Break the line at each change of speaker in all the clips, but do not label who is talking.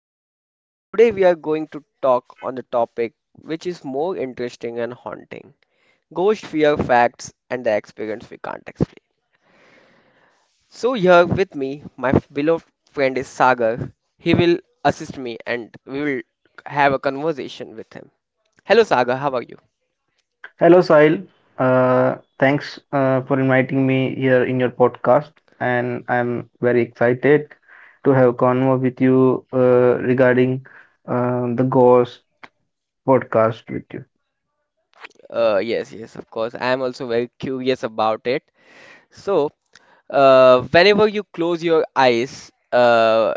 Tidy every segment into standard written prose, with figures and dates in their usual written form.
everyone. Today, we are going to talk on the topic which is more interesting and haunting ghost fear facts and the experience we can't explain. So, here with me, my beloved friend is Sagar. He will assist me and we will have a conversation with him. Hello, Sagar, how are you?
Hello, Sahil. Uh, Thanks for inviting me here in your podcast, and I'm very excited to have a convo with you regarding the Ghost podcast with you.
Yes, yes, of course. I am also very curious about it. So, whenever you close your eyes,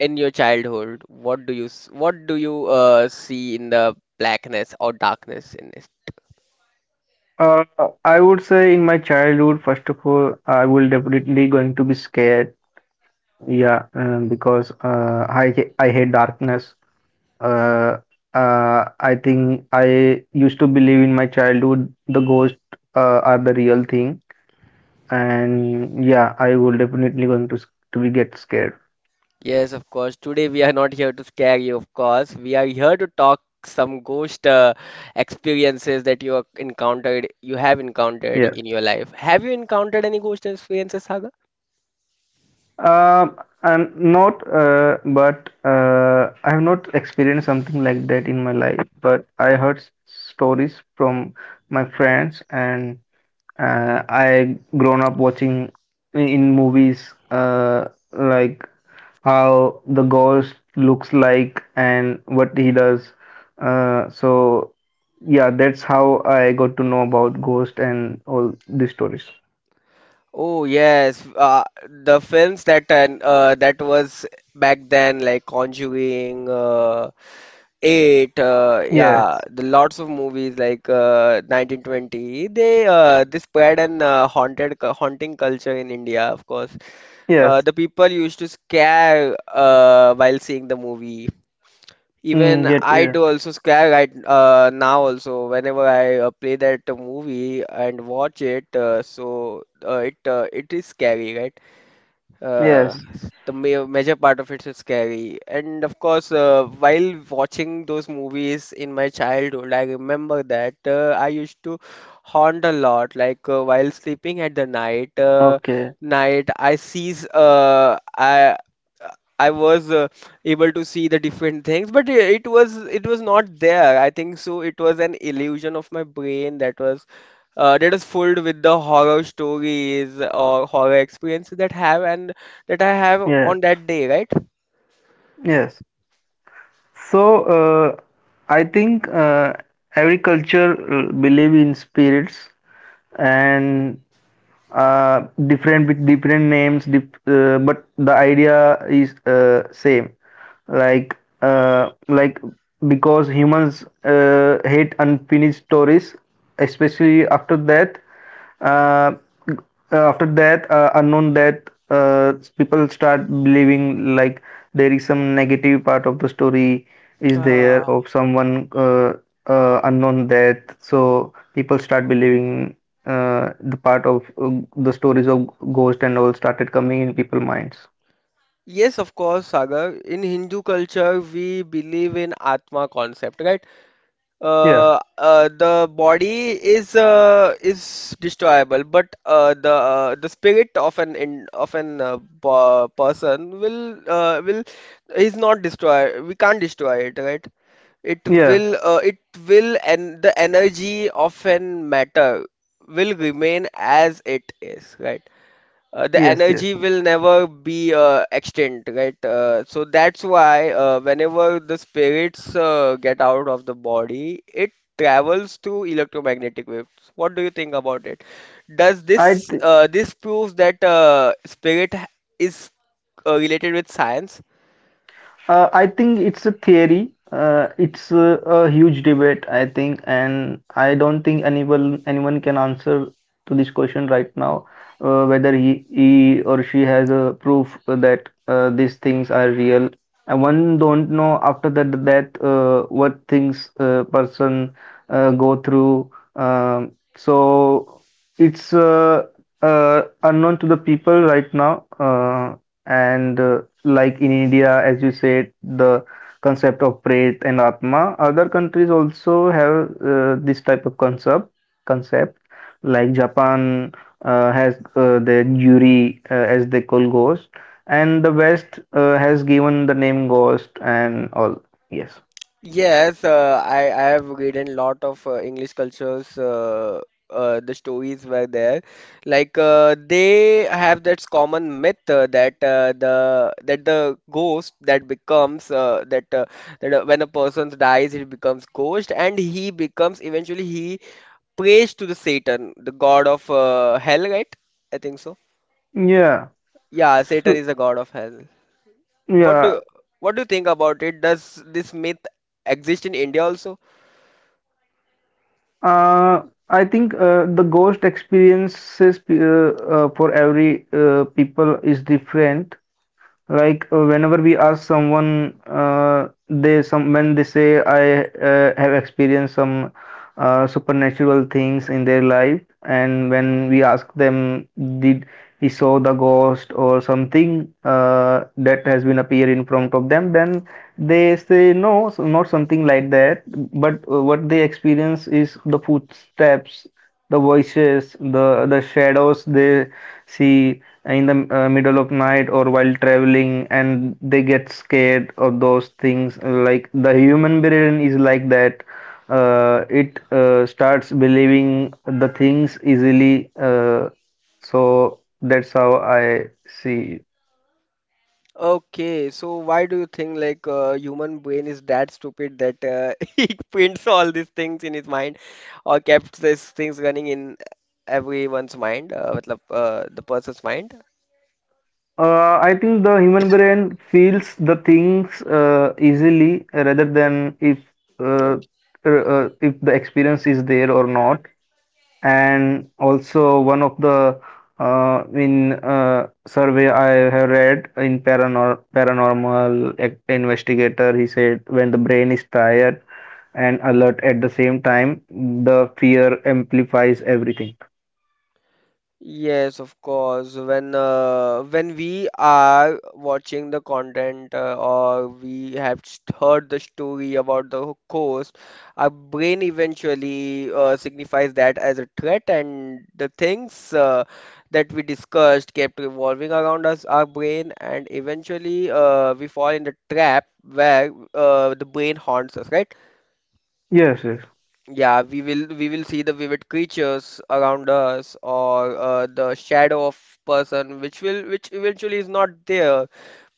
in your childhood, what do you see in the blackness or darkness in this?
Uh, I would say in my childhood, first of all, I will definitely going to be scared. Yeah, because I hate darkness. Uh, I think I used to believe in my childhood the ghosts are the real thing, and yeah, I will definitely going to to be get scared.
Yes, of course. Today we are not here to scare you, of course. We are here to talk some ghost experiences that you have encountered,
Yeah.
in your life. Have you encountered any ghost experiences, Saga?
Um, I'm not, but I have not experienced something like that in my life. But I heard stories from my friends, and I grown up watching in movies like how the ghost looks like and what he does. So yeah, that's how I got to know about ghost and all these stories.
Oh yes, the films that that was back then, like Conjuring, Eight, yeah,
Yes,
the lots of movies like 1920. They spread an haunted haunting culture in India, of course. Uh,
yes,
the people used to scare while seeing the movie.
mm,
Even
get
I
yeah,
do also scare right now also whenever I play that movie and watch it. So it is scary, right? uh,
yes,
the ma major part of it is scary. And of course, while watching those movies in my childhood, I remember that I used to haunt a lot. Like, while sleeping at the night, uh,
okay,
night I sees I. I was able to see the different things, but it was it was not there. I think so. It was an illusion of my brain that is filled with the horror stories or horror experiences that I have
yes,
on that day, right?
yes. So I think every culture believe in spirits, and different with different names dip, but the idea is same, like like because humans hate unfinished stories, especially after death, uh, after death, unknown death, uh, people start believing like there is some negative part of the story is there
Uh,
of someone, unknown death, so people start believing the part of the stories of ghost and all started coming in people's minds.
yes, of course, Sagar. In Hindu culture, we believe in Atma concept, right?
Yeah,
The body is destroyable, but the spirit of of an person will is not destroy. We can't destroy it, right? It
yeah,
will, uh, it will, and the energy of an matter will remain as it is, right? The
yes, yes.
energy will never be extinct, right? So that's why whenever the spirits get out of the body, it travels through electromagnetic waves. What do you think about it? Does
I
this proves that spirit is related with science?
I think it's a theory. It's a huge debate, I think, and I don't think anyone can answer to this question right now, whether he or she has a proof that these things are real. And one don't know after that what things person go through. So it's unknown to the people right now, and like in India, as you said, the concept of Pret and Atma. Other countries also have this type of concept. Concept like Japan has the Yuri, as they call ghost, and the West has given the name ghost and all. Yes.
Yes, I have read in lot of English cultures. The stories were there, like they have that common myth that the ghost that becomes that that when a person dies, he becomes ghost, and he becomes eventually he prays to the Satan, the god of hell, right? I think so.
Yeah.
Yeah, Satan
So
is the god of hell. What
yeah.
do what do you think about it? Does this myth exist in India also?
Uh, I think the ghost experiences for every people is different. Like whenever we ask someone, they some when they say I have experienced some supernatural things in their life, and when we ask them did he saw the ghost or something that has been appear in front of them, then they say no, so not something like that. But what they experience is the footsteps, the voices, the shadows they see in the middle of night or while traveling, and they get scared of those things. Like the human brain is like that, it starts believing the things easily, so that's how I see.
Okay, so why do you think like human brain is that stupid that he prints all these things in his mind or kept these things running in everyone's mind, मतलब, the person's mind?
I think the human brain feels the things easily rather than if, uh, if the experience is there or not. And also one of the in survey I have read in paranormal investigator, he said when the brain is tired and alert at the same time, the fear amplifies everything.
Yes, of course. When we are watching the content or we have heard the story about the course, our brain eventually signifies that as a threat, and the things that we discussed kept revolving around us, our brain, and eventually we fall in the trap where the brain haunts us, right?
Yes, yes,
Yeah, we will see the vivid creatures around us or the shadow of person which eventually is not there,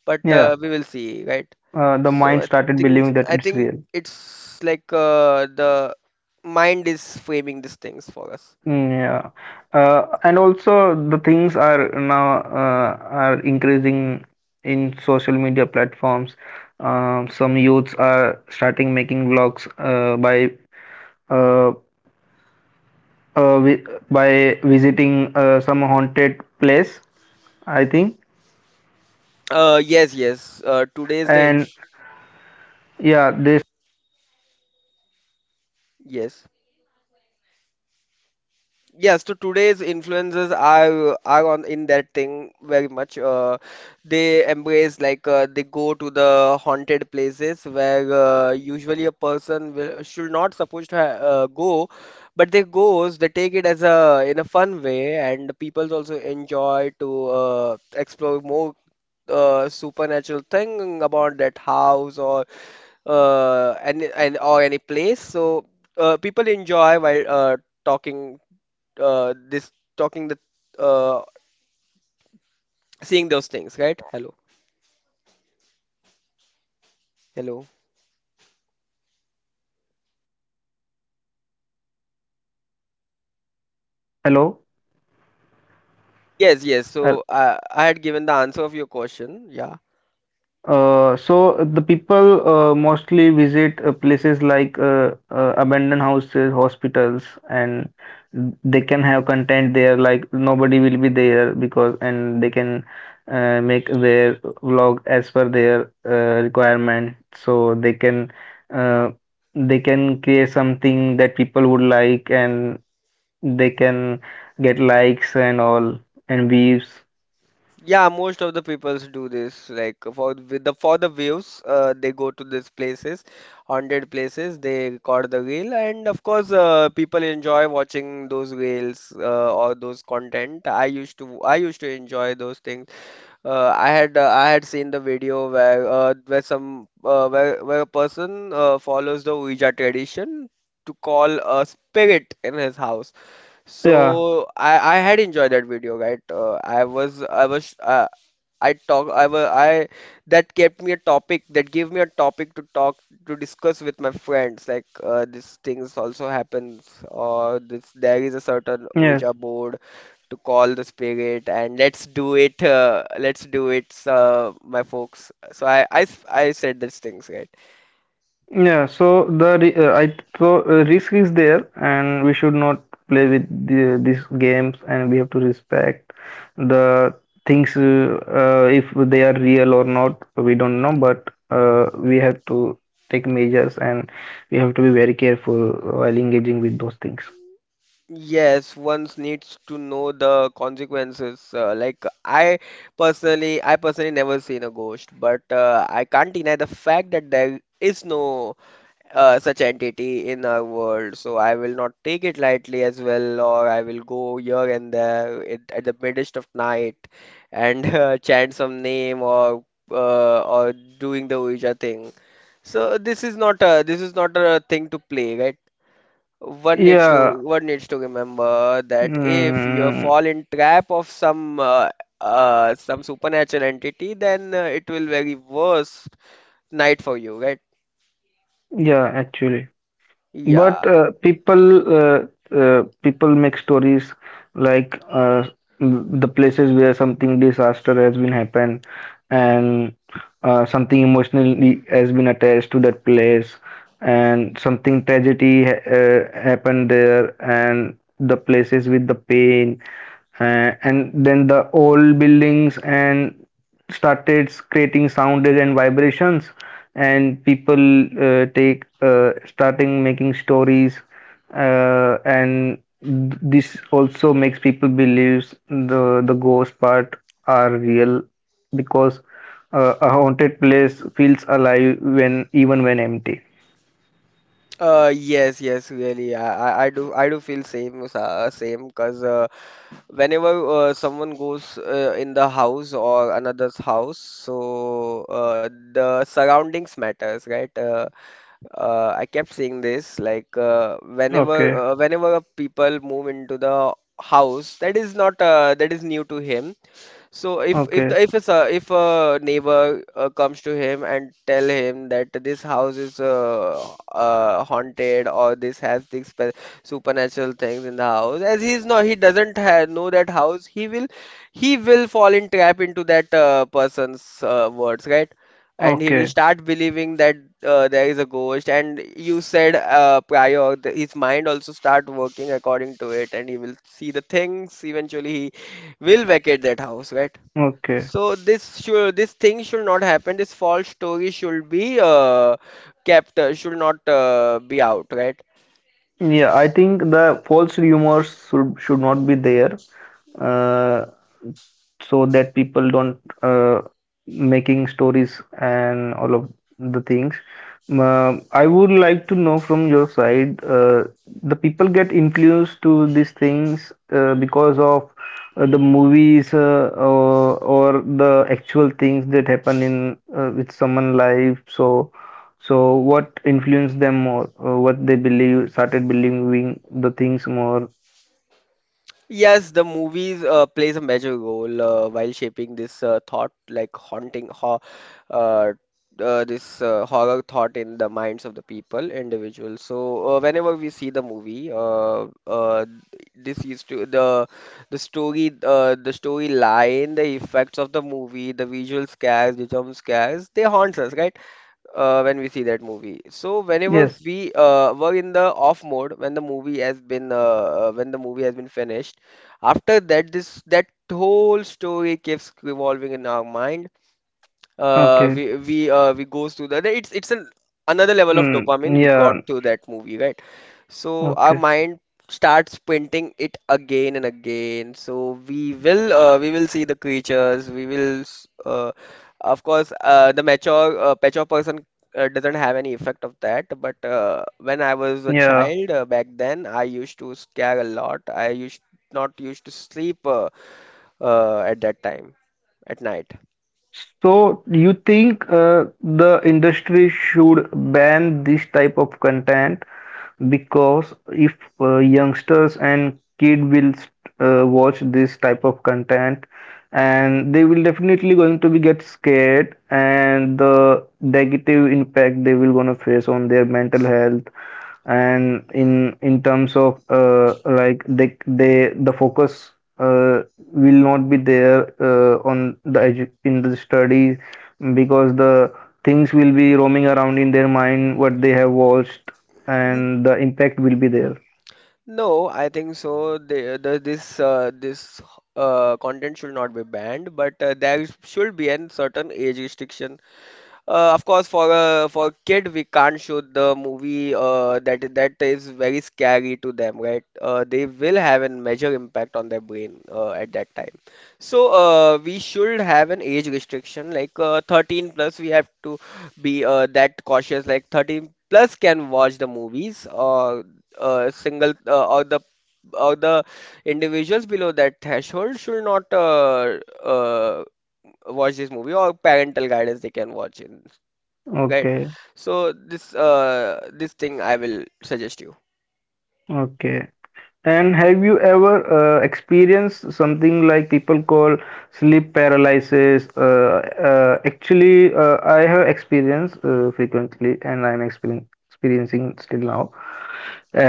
but
yeah.
we will see, right?
The
So
mind
I
started
think
believing that
I
it's
think
real.
it's like the mind is framing these things for us.
Mm, yeah, and also the things are now are increasing in social media platforms. Some youths are starting making vlogs uh, uh, vi by visiting some haunted place, I think.
Yes, yes. Today is the inf
And yeah, this
Yes. Yes, so today's influencers are on in that thing very much. They embrace like they go to the haunted places where usually a person should not supposed to ha go, but they goes. They take it as a in a fun way, and people also enjoy to explore more supernatural thing about that house or any and or any place. So people enjoy while talking this talking the uh, seeing those things, right? Hello, hello.
hello.
Yes, yes.
Uh,
So I had given the answer of your question. Yeah,
so the people mostly visit places like abandoned houses, hospitals, and they can have content there. Like nobody will be there because, and they can make their vlog as per their requirement. So uh, they can create something that people would like, and they can get likes and all and views.
yeah. Most of the peoples do this. Like for the views, they go to these places, haunted places. They record the reel, and of course, people enjoy watching those reels or those content. I used to enjoy those things. I had seen the video where some where a person follows the Ouija tradition to call a spirit in his house.
Yeah.
So I had enjoyed that video, right? I was I that kept me a topic that gave me a topic to talk to discuss with my friends. Like these things also happens or this there is a certain Ouija
Yes.
board to call the spirit and let's do it. Let's do it, my folks. So I said these things, right?
Yeah, so the ri- I so risk is there, and we should not play with these games, and we have to respect the things, if they are real or not. We don't know, but we have to take measures, and we have to be very careful while engaging with those things.
Yes, one needs to know the consequences. Like I personally never seen a ghost, but I can't deny the fact that there is no such entity in our world. So I will not take it lightly as well, or I will go here and there at the midst of night and chant some name or or doing the Ouija thing. So this is not a this is not a thing to play, right? One needs
Yeah,
to one needs to remember that if you
mm,
fall in trap of some supernatural entity, then it will very worst night for you, right?
yeah, actually.
Yeah.
But people make stories, like the places where something disaster has been happened, and something emotionally has been attached to that place, and something tragedy ha happened there, and the places with the pain, and then the old buildings and started creating sounds and vibrations, and people take, starting making stories, and this also makes people believes the the ghost part are real, because a haunted place feels alive when even when empty.
Yes, yes, really. I do feel same, same. Cause whenever someone goes in the house or another's house, so the surroundings matters, right? I kept saying this, like
Okay,
whenever a people move into the house, that is not, that is new to him. So if
okay,
the, if it's a s- if a neighbor comes to him and tell him that this house is haunted or this has these supernatural things in the house, as he's not he doesn't ha know that house, he will fall in trap into that person's words, right? And he will
okay,
start believing that there is a ghost. And you said prior, his mind also start working according to it, and he will see the things. Eventually, he will vacate that house, right?
okay,
So this thing should not happen. This false story should not be out, right?
yeah, I think the false rumors should not be there, uh, so that people don't, making stories and all of the things. Um, Uh, I would like to know from your side, the people get influenced to these things because of the movies or the actual things that happen in, with someone life. So what influenced them more? What they believe started believing the things more?
Yes, the movies plays a major role while shaping this thought, like haunting ho uh, this horror thought in the minds of the people, individuals. So whenever we see the movie, this used to the story, the storyline, the effects of the movie, the visual scares, the jump scares, they haunts us, right? When we see that movie. So whenever
Yes.
we were in the off mode, when the movie has been finished, after that whole story keeps evolving in our mind. Uh,
Okay.
we we uh, we goes to that it's an another level of
Mm,
dopamine we got
yeah,
to that movie, right? So our
okay,
mind starts painting it again and again. So we will see the creatures. Of course, the mature person doesn't have any effect of that. But when I was a
yeah.
child back then, I used to scare a lot. I used not used to sleep at that time at night.
So you think the industry should ban this type of content, because if youngsters and kid will watch this type of content, and they will definitely going to be get scared, and the negative impact they will gonna face on their mental health, and in terms of like they the focus will not be there on the edu in the study, because the things will be roaming around in their mind what they have watched, and the impact will be there.
No, I think so. The this this content should not be banned, but there should be a certain age restriction of course, for a kid, we can't show the movie that is very scary to them, right? They will have a major impact on their brain at that time. So we should have an age restriction, like 13 plus. We have to be that cautious. Like 13 plus can watch the movies, or single or the or the individuals below that threshold should not uh, watch this movie or parental guidance they can watch in. Right.
Okay,
So this thing I will suggest you.
okay. And have you ever experienced something like people call sleep paralysis? Actually, I have experienced frequently, and I'm experiencing still now.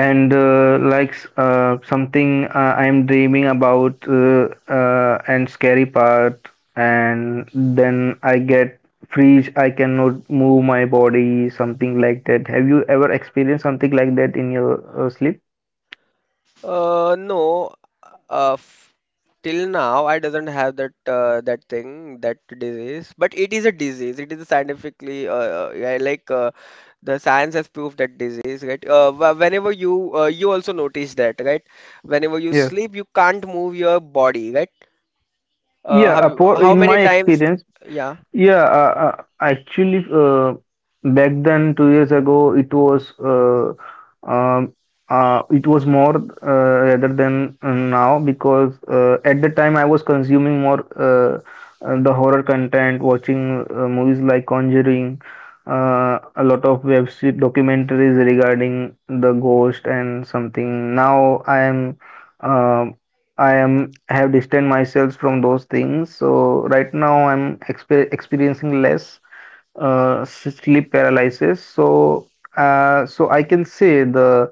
And like something I'm dreaming about, and scary part, and then I get freeze. I cannot move my body, something like that. Have you ever experienced something like that in your sleep?
No, f till now I doesn't have that that thing, that disease, but it is a disease. It is a scientifically yeah, like the science has proved that disease, right? Whenever you you also notice that, right? Whenever you sleep, you can't move your body, right? Uh,
Yeah,
how
for
how
in
many
my
times?
experience,
Yeah.
yeah, actually, back then 2 years ago, um, it was more, rather than now, because at the time I was consuming more the horror content, watching movies like Conjuring, a lot of documentaries regarding the ghost and something. Now uh, I am have distanced myself from those things. So right now I'm experiencing less sleep paralysis. So I can say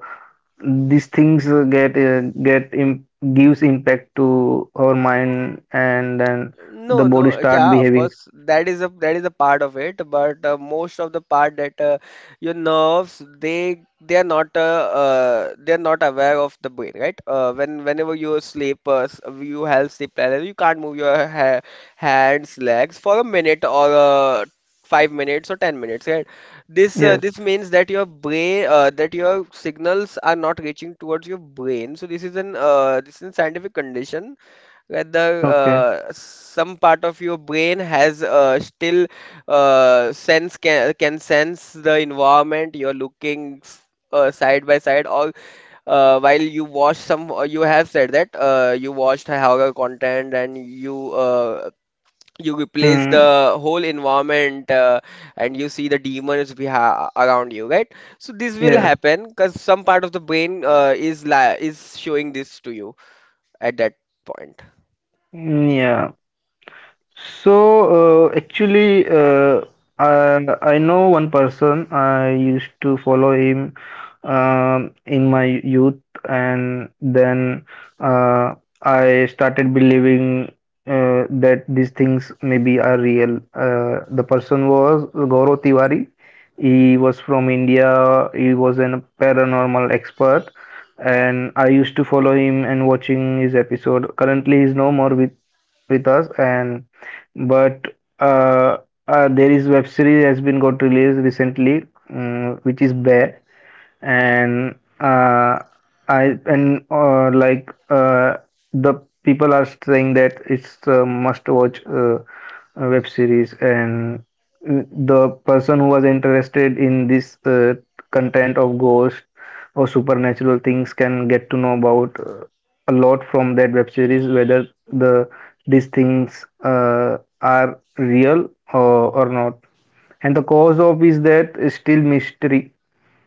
these things, get im gives impact to our mind, and then the
No,
body
no,
start
yeah, of
behaving.
course, that is a part of it, but most of the part that your nerves, they are not they are not aware of the brain, right? Whenever you sleep, you have sleep paralysis, you can't move your ha hands, legs for a minute or 5 minutes or 10 minutes, right? This uh,
Yeah.
this means that your brain, that your signals are not reaching towards your brain. So this is an this is a scientific condition, whether
Okay.
some part of your brain has still sense can sense the environment. You're side by side, or while you watch some you have said that you watched a horror content and you you replace
Mm,
the whole environment, and you see the demons beha around you, right? So this will
yes.
happen because some part of the brain is showing this to you at that point.
Mm, yeah. So, actually, I know one person. I used to follow him, in my youth, and then uh, I started believing that these things maybe are real. The person was Gaurav Tiwari. He was from India. He was a paranormal expert, and I used to follow him and watching his episode. Currently, he's no more with us, and but uh, there is web series has been got released recently, mm, which is Bear. And I and like the people are saying that it's a must-watch, web series, and mm, the person who was interested in this content of ghost or supernatural things can get to know about a lot from that web series, whether the these things are real, or not. And the cause of is that is still mystery,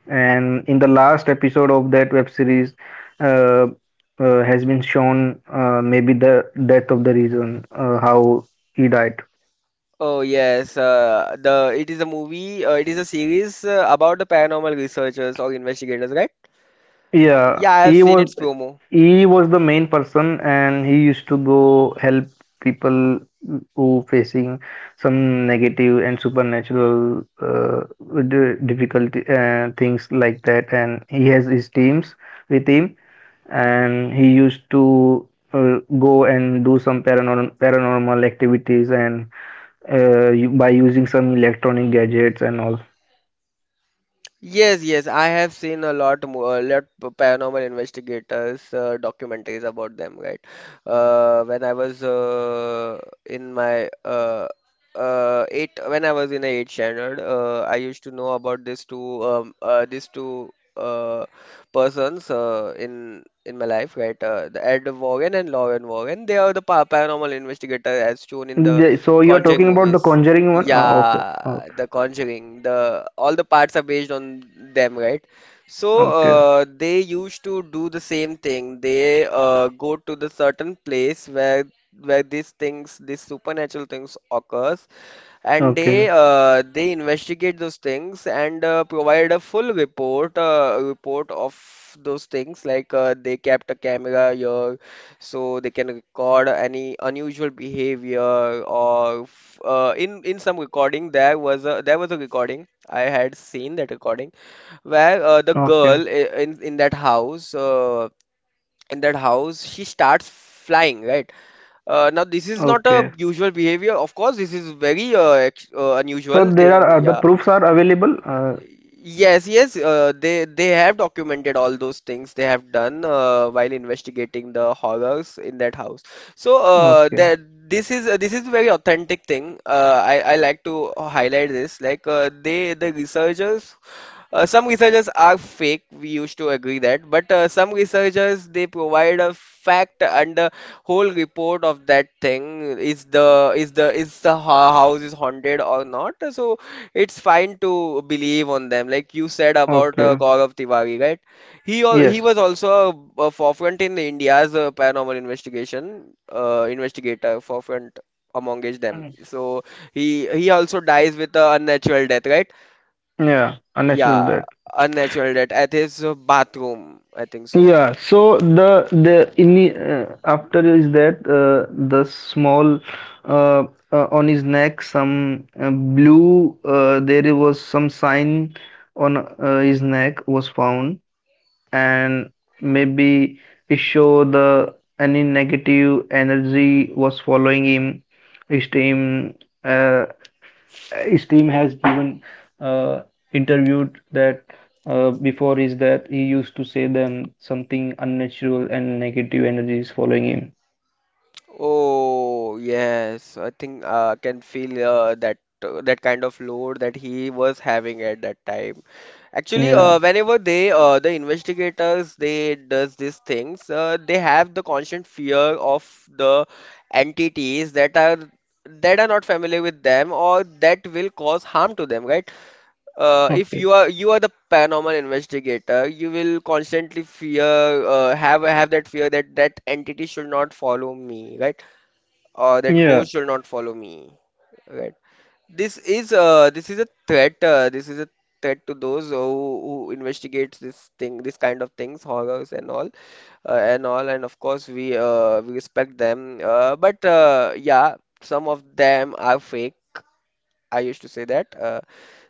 and in the last episode of that web series, uh, has been shown, maybe the death of the reason how he died.
Oh yes, the it is a movie. It is a series about the paranormal researchers or investigators, right?
Yeah,
Yeah, I have
he
seen
was
its promo.
he was the main person, and he used to go help people who facing some negative and supernatural, difficulty things like that, and he has his teams with him, and he used to go and do some paranormal activities, and by using some electronic gadgets and all.
Yes, yes, I have seen a lot more, paranormal investigators documentaries about them, right? When I was in my eight, when I was in a eight standard, I used to know about these two uh, persons in my life, right? The Ed Warren and Lauren Warren. They are the pa paranormal investigator as shown in the
So you're
Conjuring
talking about the
movies.
Conjuring one? Okay,
Yeah,
okay,
The Conjuring, the all the parts are based on them, right? So
okay,
they used to do the same thing. They Go to the certain place where these things, these supernatural things occurs, and
okay,
they investigate those things and provide a full report of those things, like they kept a camera here so they can record any unusual behavior, or in some recording, there was a recording I had seen, that recording where uh, the
okay,
girl i- in in that house, in that house she starts flying, right? Now this is not a
okay.
usual behavior. Of course, this is very
So
unusual
there
thing.
are, the
Yeah.
proofs are available.
Yes, yes. They have documented all those things they have done while investigating the horrors in that house. So
Okay,
that this is very authentic thing. I like to highlight this. Like the researchers, some researchers are fake, we used to agree that, but some researchers they provide a fact and a whole report of that thing, is the house is haunted or not. So it's fine to believe on them, like you said about
okay,
Gaurav Tiwari, right? He
yes,
was also a forefront in India's paranormal investigation investigator forefront amongst them.
mm,
So he also dies with a unnatural death, right?
yeah, unnatural
Yeah,
death.
unnatural death at his bathroom. I think so.
Yeah, so the in, after is that, the small uh, on his neck some, blue, there was some sign on his neck was found, and maybe it show the any negative energy was following him, his team uh, his team has given, uh, interviewed that, before is that he used to say them something unnatural and negative energies following him.
Oh, yes. I think can feel that kind of load that he was having at that time. Actually, uh,
Yeah.
whenever they uh, the investigators they does these things, they have the constant fear of the entities that are not familiar with them, or that will cause harm to them, right? uh, if
Okay.
you are you are the paranormal investigator, you will constantly fear have that fear, that that entity should not follow me, right? Or that
Yeah.
ghost should not follow me, right? This is a threat. This is a threat to those who investigates this thing, this kind of things, horrors and all, And of course, we respect them. But yeah, some of them are fake. I used to say that.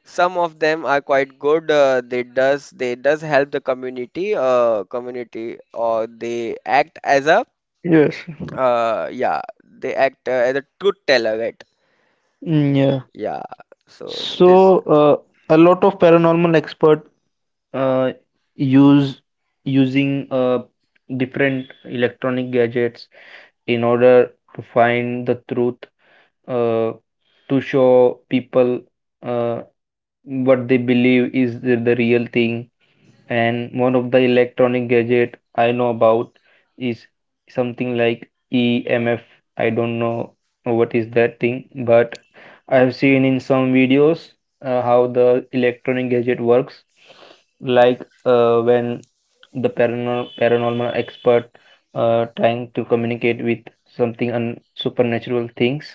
Some of them are quite good. They does help the community, or they act as a,
Yes.
yeah, they act as a truth teller, right?
Mm, yeah.
Yeah. So this.
So a lot of paranormal expert, uh, use Using different electronic gadgets in order to find the truth, uh, to show people uh, what they believe is the real thing, and one of the electronic gadget I know about is something like EMF. I don't know what is that thing, but I have seen in some videos how the electronic gadget works. Like when the paranormal expert trying to communicate with something on supernatural things,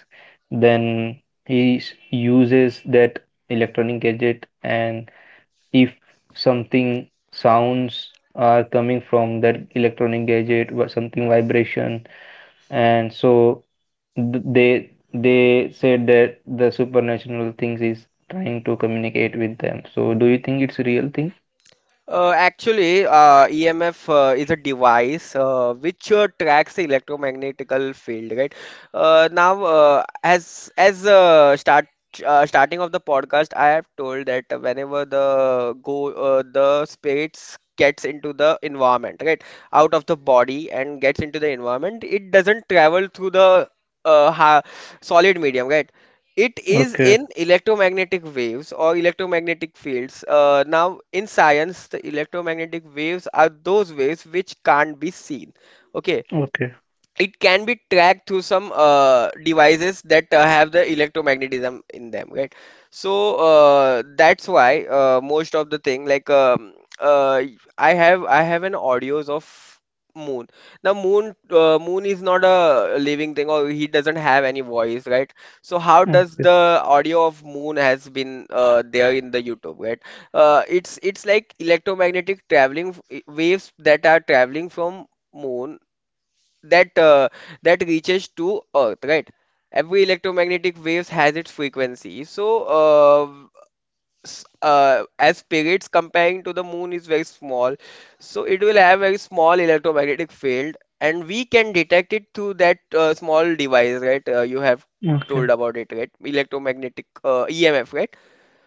then he uses that electronic gadget, and if something sounds are coming from that electronic gadget or something vibration, and so they said that the supernatural things is trying to communicate with them, so do you think it's a real thing?
Actually, EMF is a device which tracks the electromagnetical field, right? Now, as start Starting of the podcast, I have told that whenever the spirits gets into the environment, right, out of the body and gets into the environment, it doesn't travel through the ha solid medium, right? It is
Okay,
in electromagnetic waves or electromagnetic fields. Now, in science, the electromagnetic waves are those waves which can't be seen. Okay,
okay,
it can be tracked through some devices that have the electromagnetism in them, right? So that's why most of the thing, like uh, I have an audios of moon. Now moon is not a living thing, or he doesn't have any voice, right? So how does
okay,
the audio of moon has been there in the YouTube, right? It's like electromagnetic waves that are traveling from moon, that reaches to Earth, right? Every electromagnetic waves has its frequency. So, as periods comparing to the moon is very small, so it will have very small electromagnetic field, and we can detect it through that small device, right? You have
okay,
told about it, right? Electromagnetic EMF, right?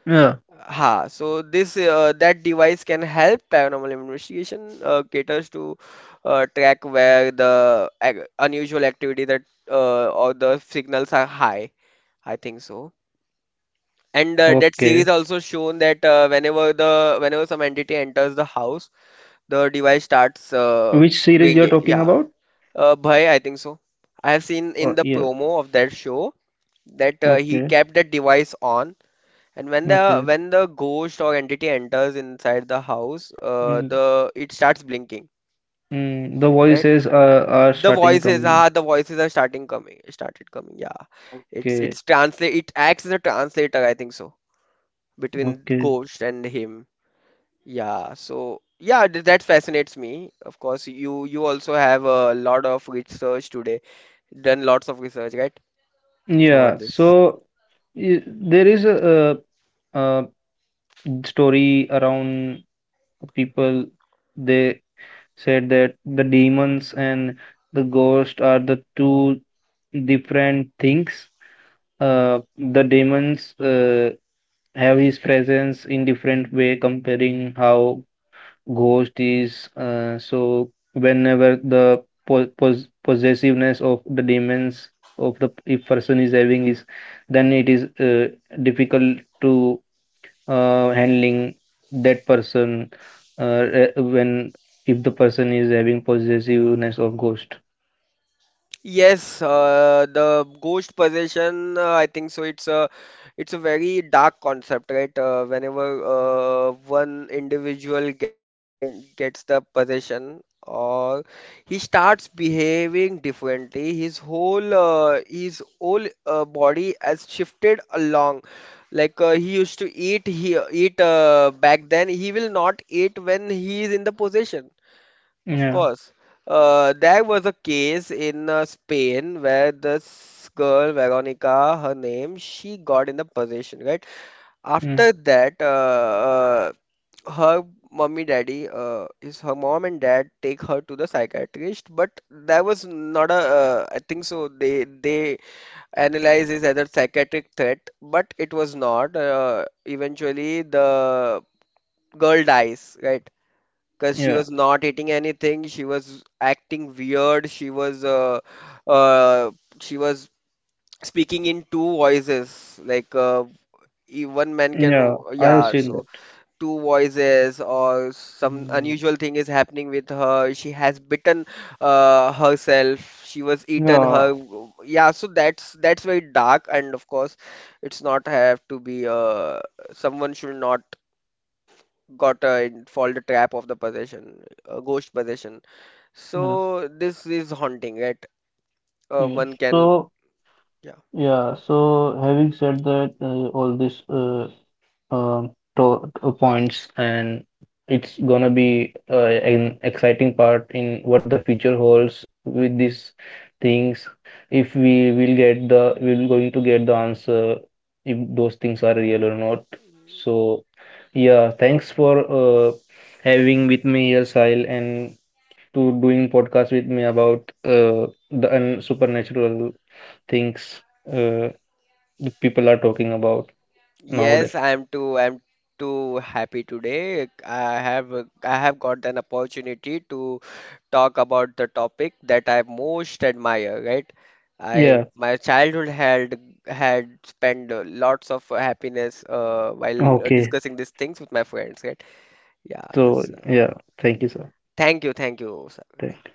yeah,
Ha, so this that device can help paranormal investigation caters to track where the unusual activity, that or the signals are high. I think so. And that
okay.
series also shown that whenever some entity enters the house, the device starts
Which series you're
ringing.
talking
Yeah,
about?
Bhai, I think so. I have seen in
Oh
the
yeah,
promo of that show that he
okay,
kept that device on, and when the
okay,
when the ghost or entity enters inside the house,
mm.
the it starts blinking,
Mm, the
right?
voices are starting coming.
The voices are started coming. Yeah,
Okay,
it's translate. It acts as a translator, I think so, between
okay.
ghost and him. Yeah, so yeah, that fascinates me. Of course, you also have a lot of done lots of research, right, about
Yeah,
this.
so there is a story around people. They said that the demons and the ghost are the two different things. The demons have his presence in different way, comparing how ghost is. So whenever the possessiveness of the demons of the if person is having is, then it is difficult to, handling that person, when if the person is having possessiveness of ghost.
Yes, the ghost possession, I think so. It's a very dark concept, right? Whenever one individual gets and gets the possession, or he starts behaving differently, his whole body has shifted along. Like he used to eat, he eat back then. He will not eat when he is in the possession. Of
Yeah,
course. There was a case in Spain, where this girl, Veronica, her name, she got in the possession, right?
mm.
After that, her mommy, daddy, is her mom and dad take her to the psychiatrist, but there was not a, I think so, they analyze is as a psychiatric threat, but it was not. Eventually, the girl dies, right? Because she
Yeah,
was not eating anything. She was acting weird. Uh, she was speaking in two voices. Like one man
yeah,
can,
I have
yeah.
seen
So
that.
two voices or some
Mm.
unusual thing is happening with her. She has bitten herself. She was eaten her.
Yeah.
Yeah. So that's very dark. And of course, it's not have to be. Someone should not got fall the trap of the possession, ghost possession.
Yes,
So this is haunting, right?
yes.
One can,
So.
yeah.
Yeah, so having said that, all these to points, and it's gonna be an exciting part in what the future holds with these things. If we will get we're going to get the answer if those things are real or not. So, yeah, thanks for having with me here, Sahil, and to doing podcast with me about the un supernatural things. Uh, that people are talking about nowadays.
Yes, I am too. I am too happy today. I have got an opportunity to talk about the topic that I most admire, right? I
Yeah.
My childhood had spent lots of happiness while
Okay.
discussing these things with my friends, right? Yeah.
So
So
yeah. Thank you, sir.
thank you, thank you. Sir. Yeah.
Thank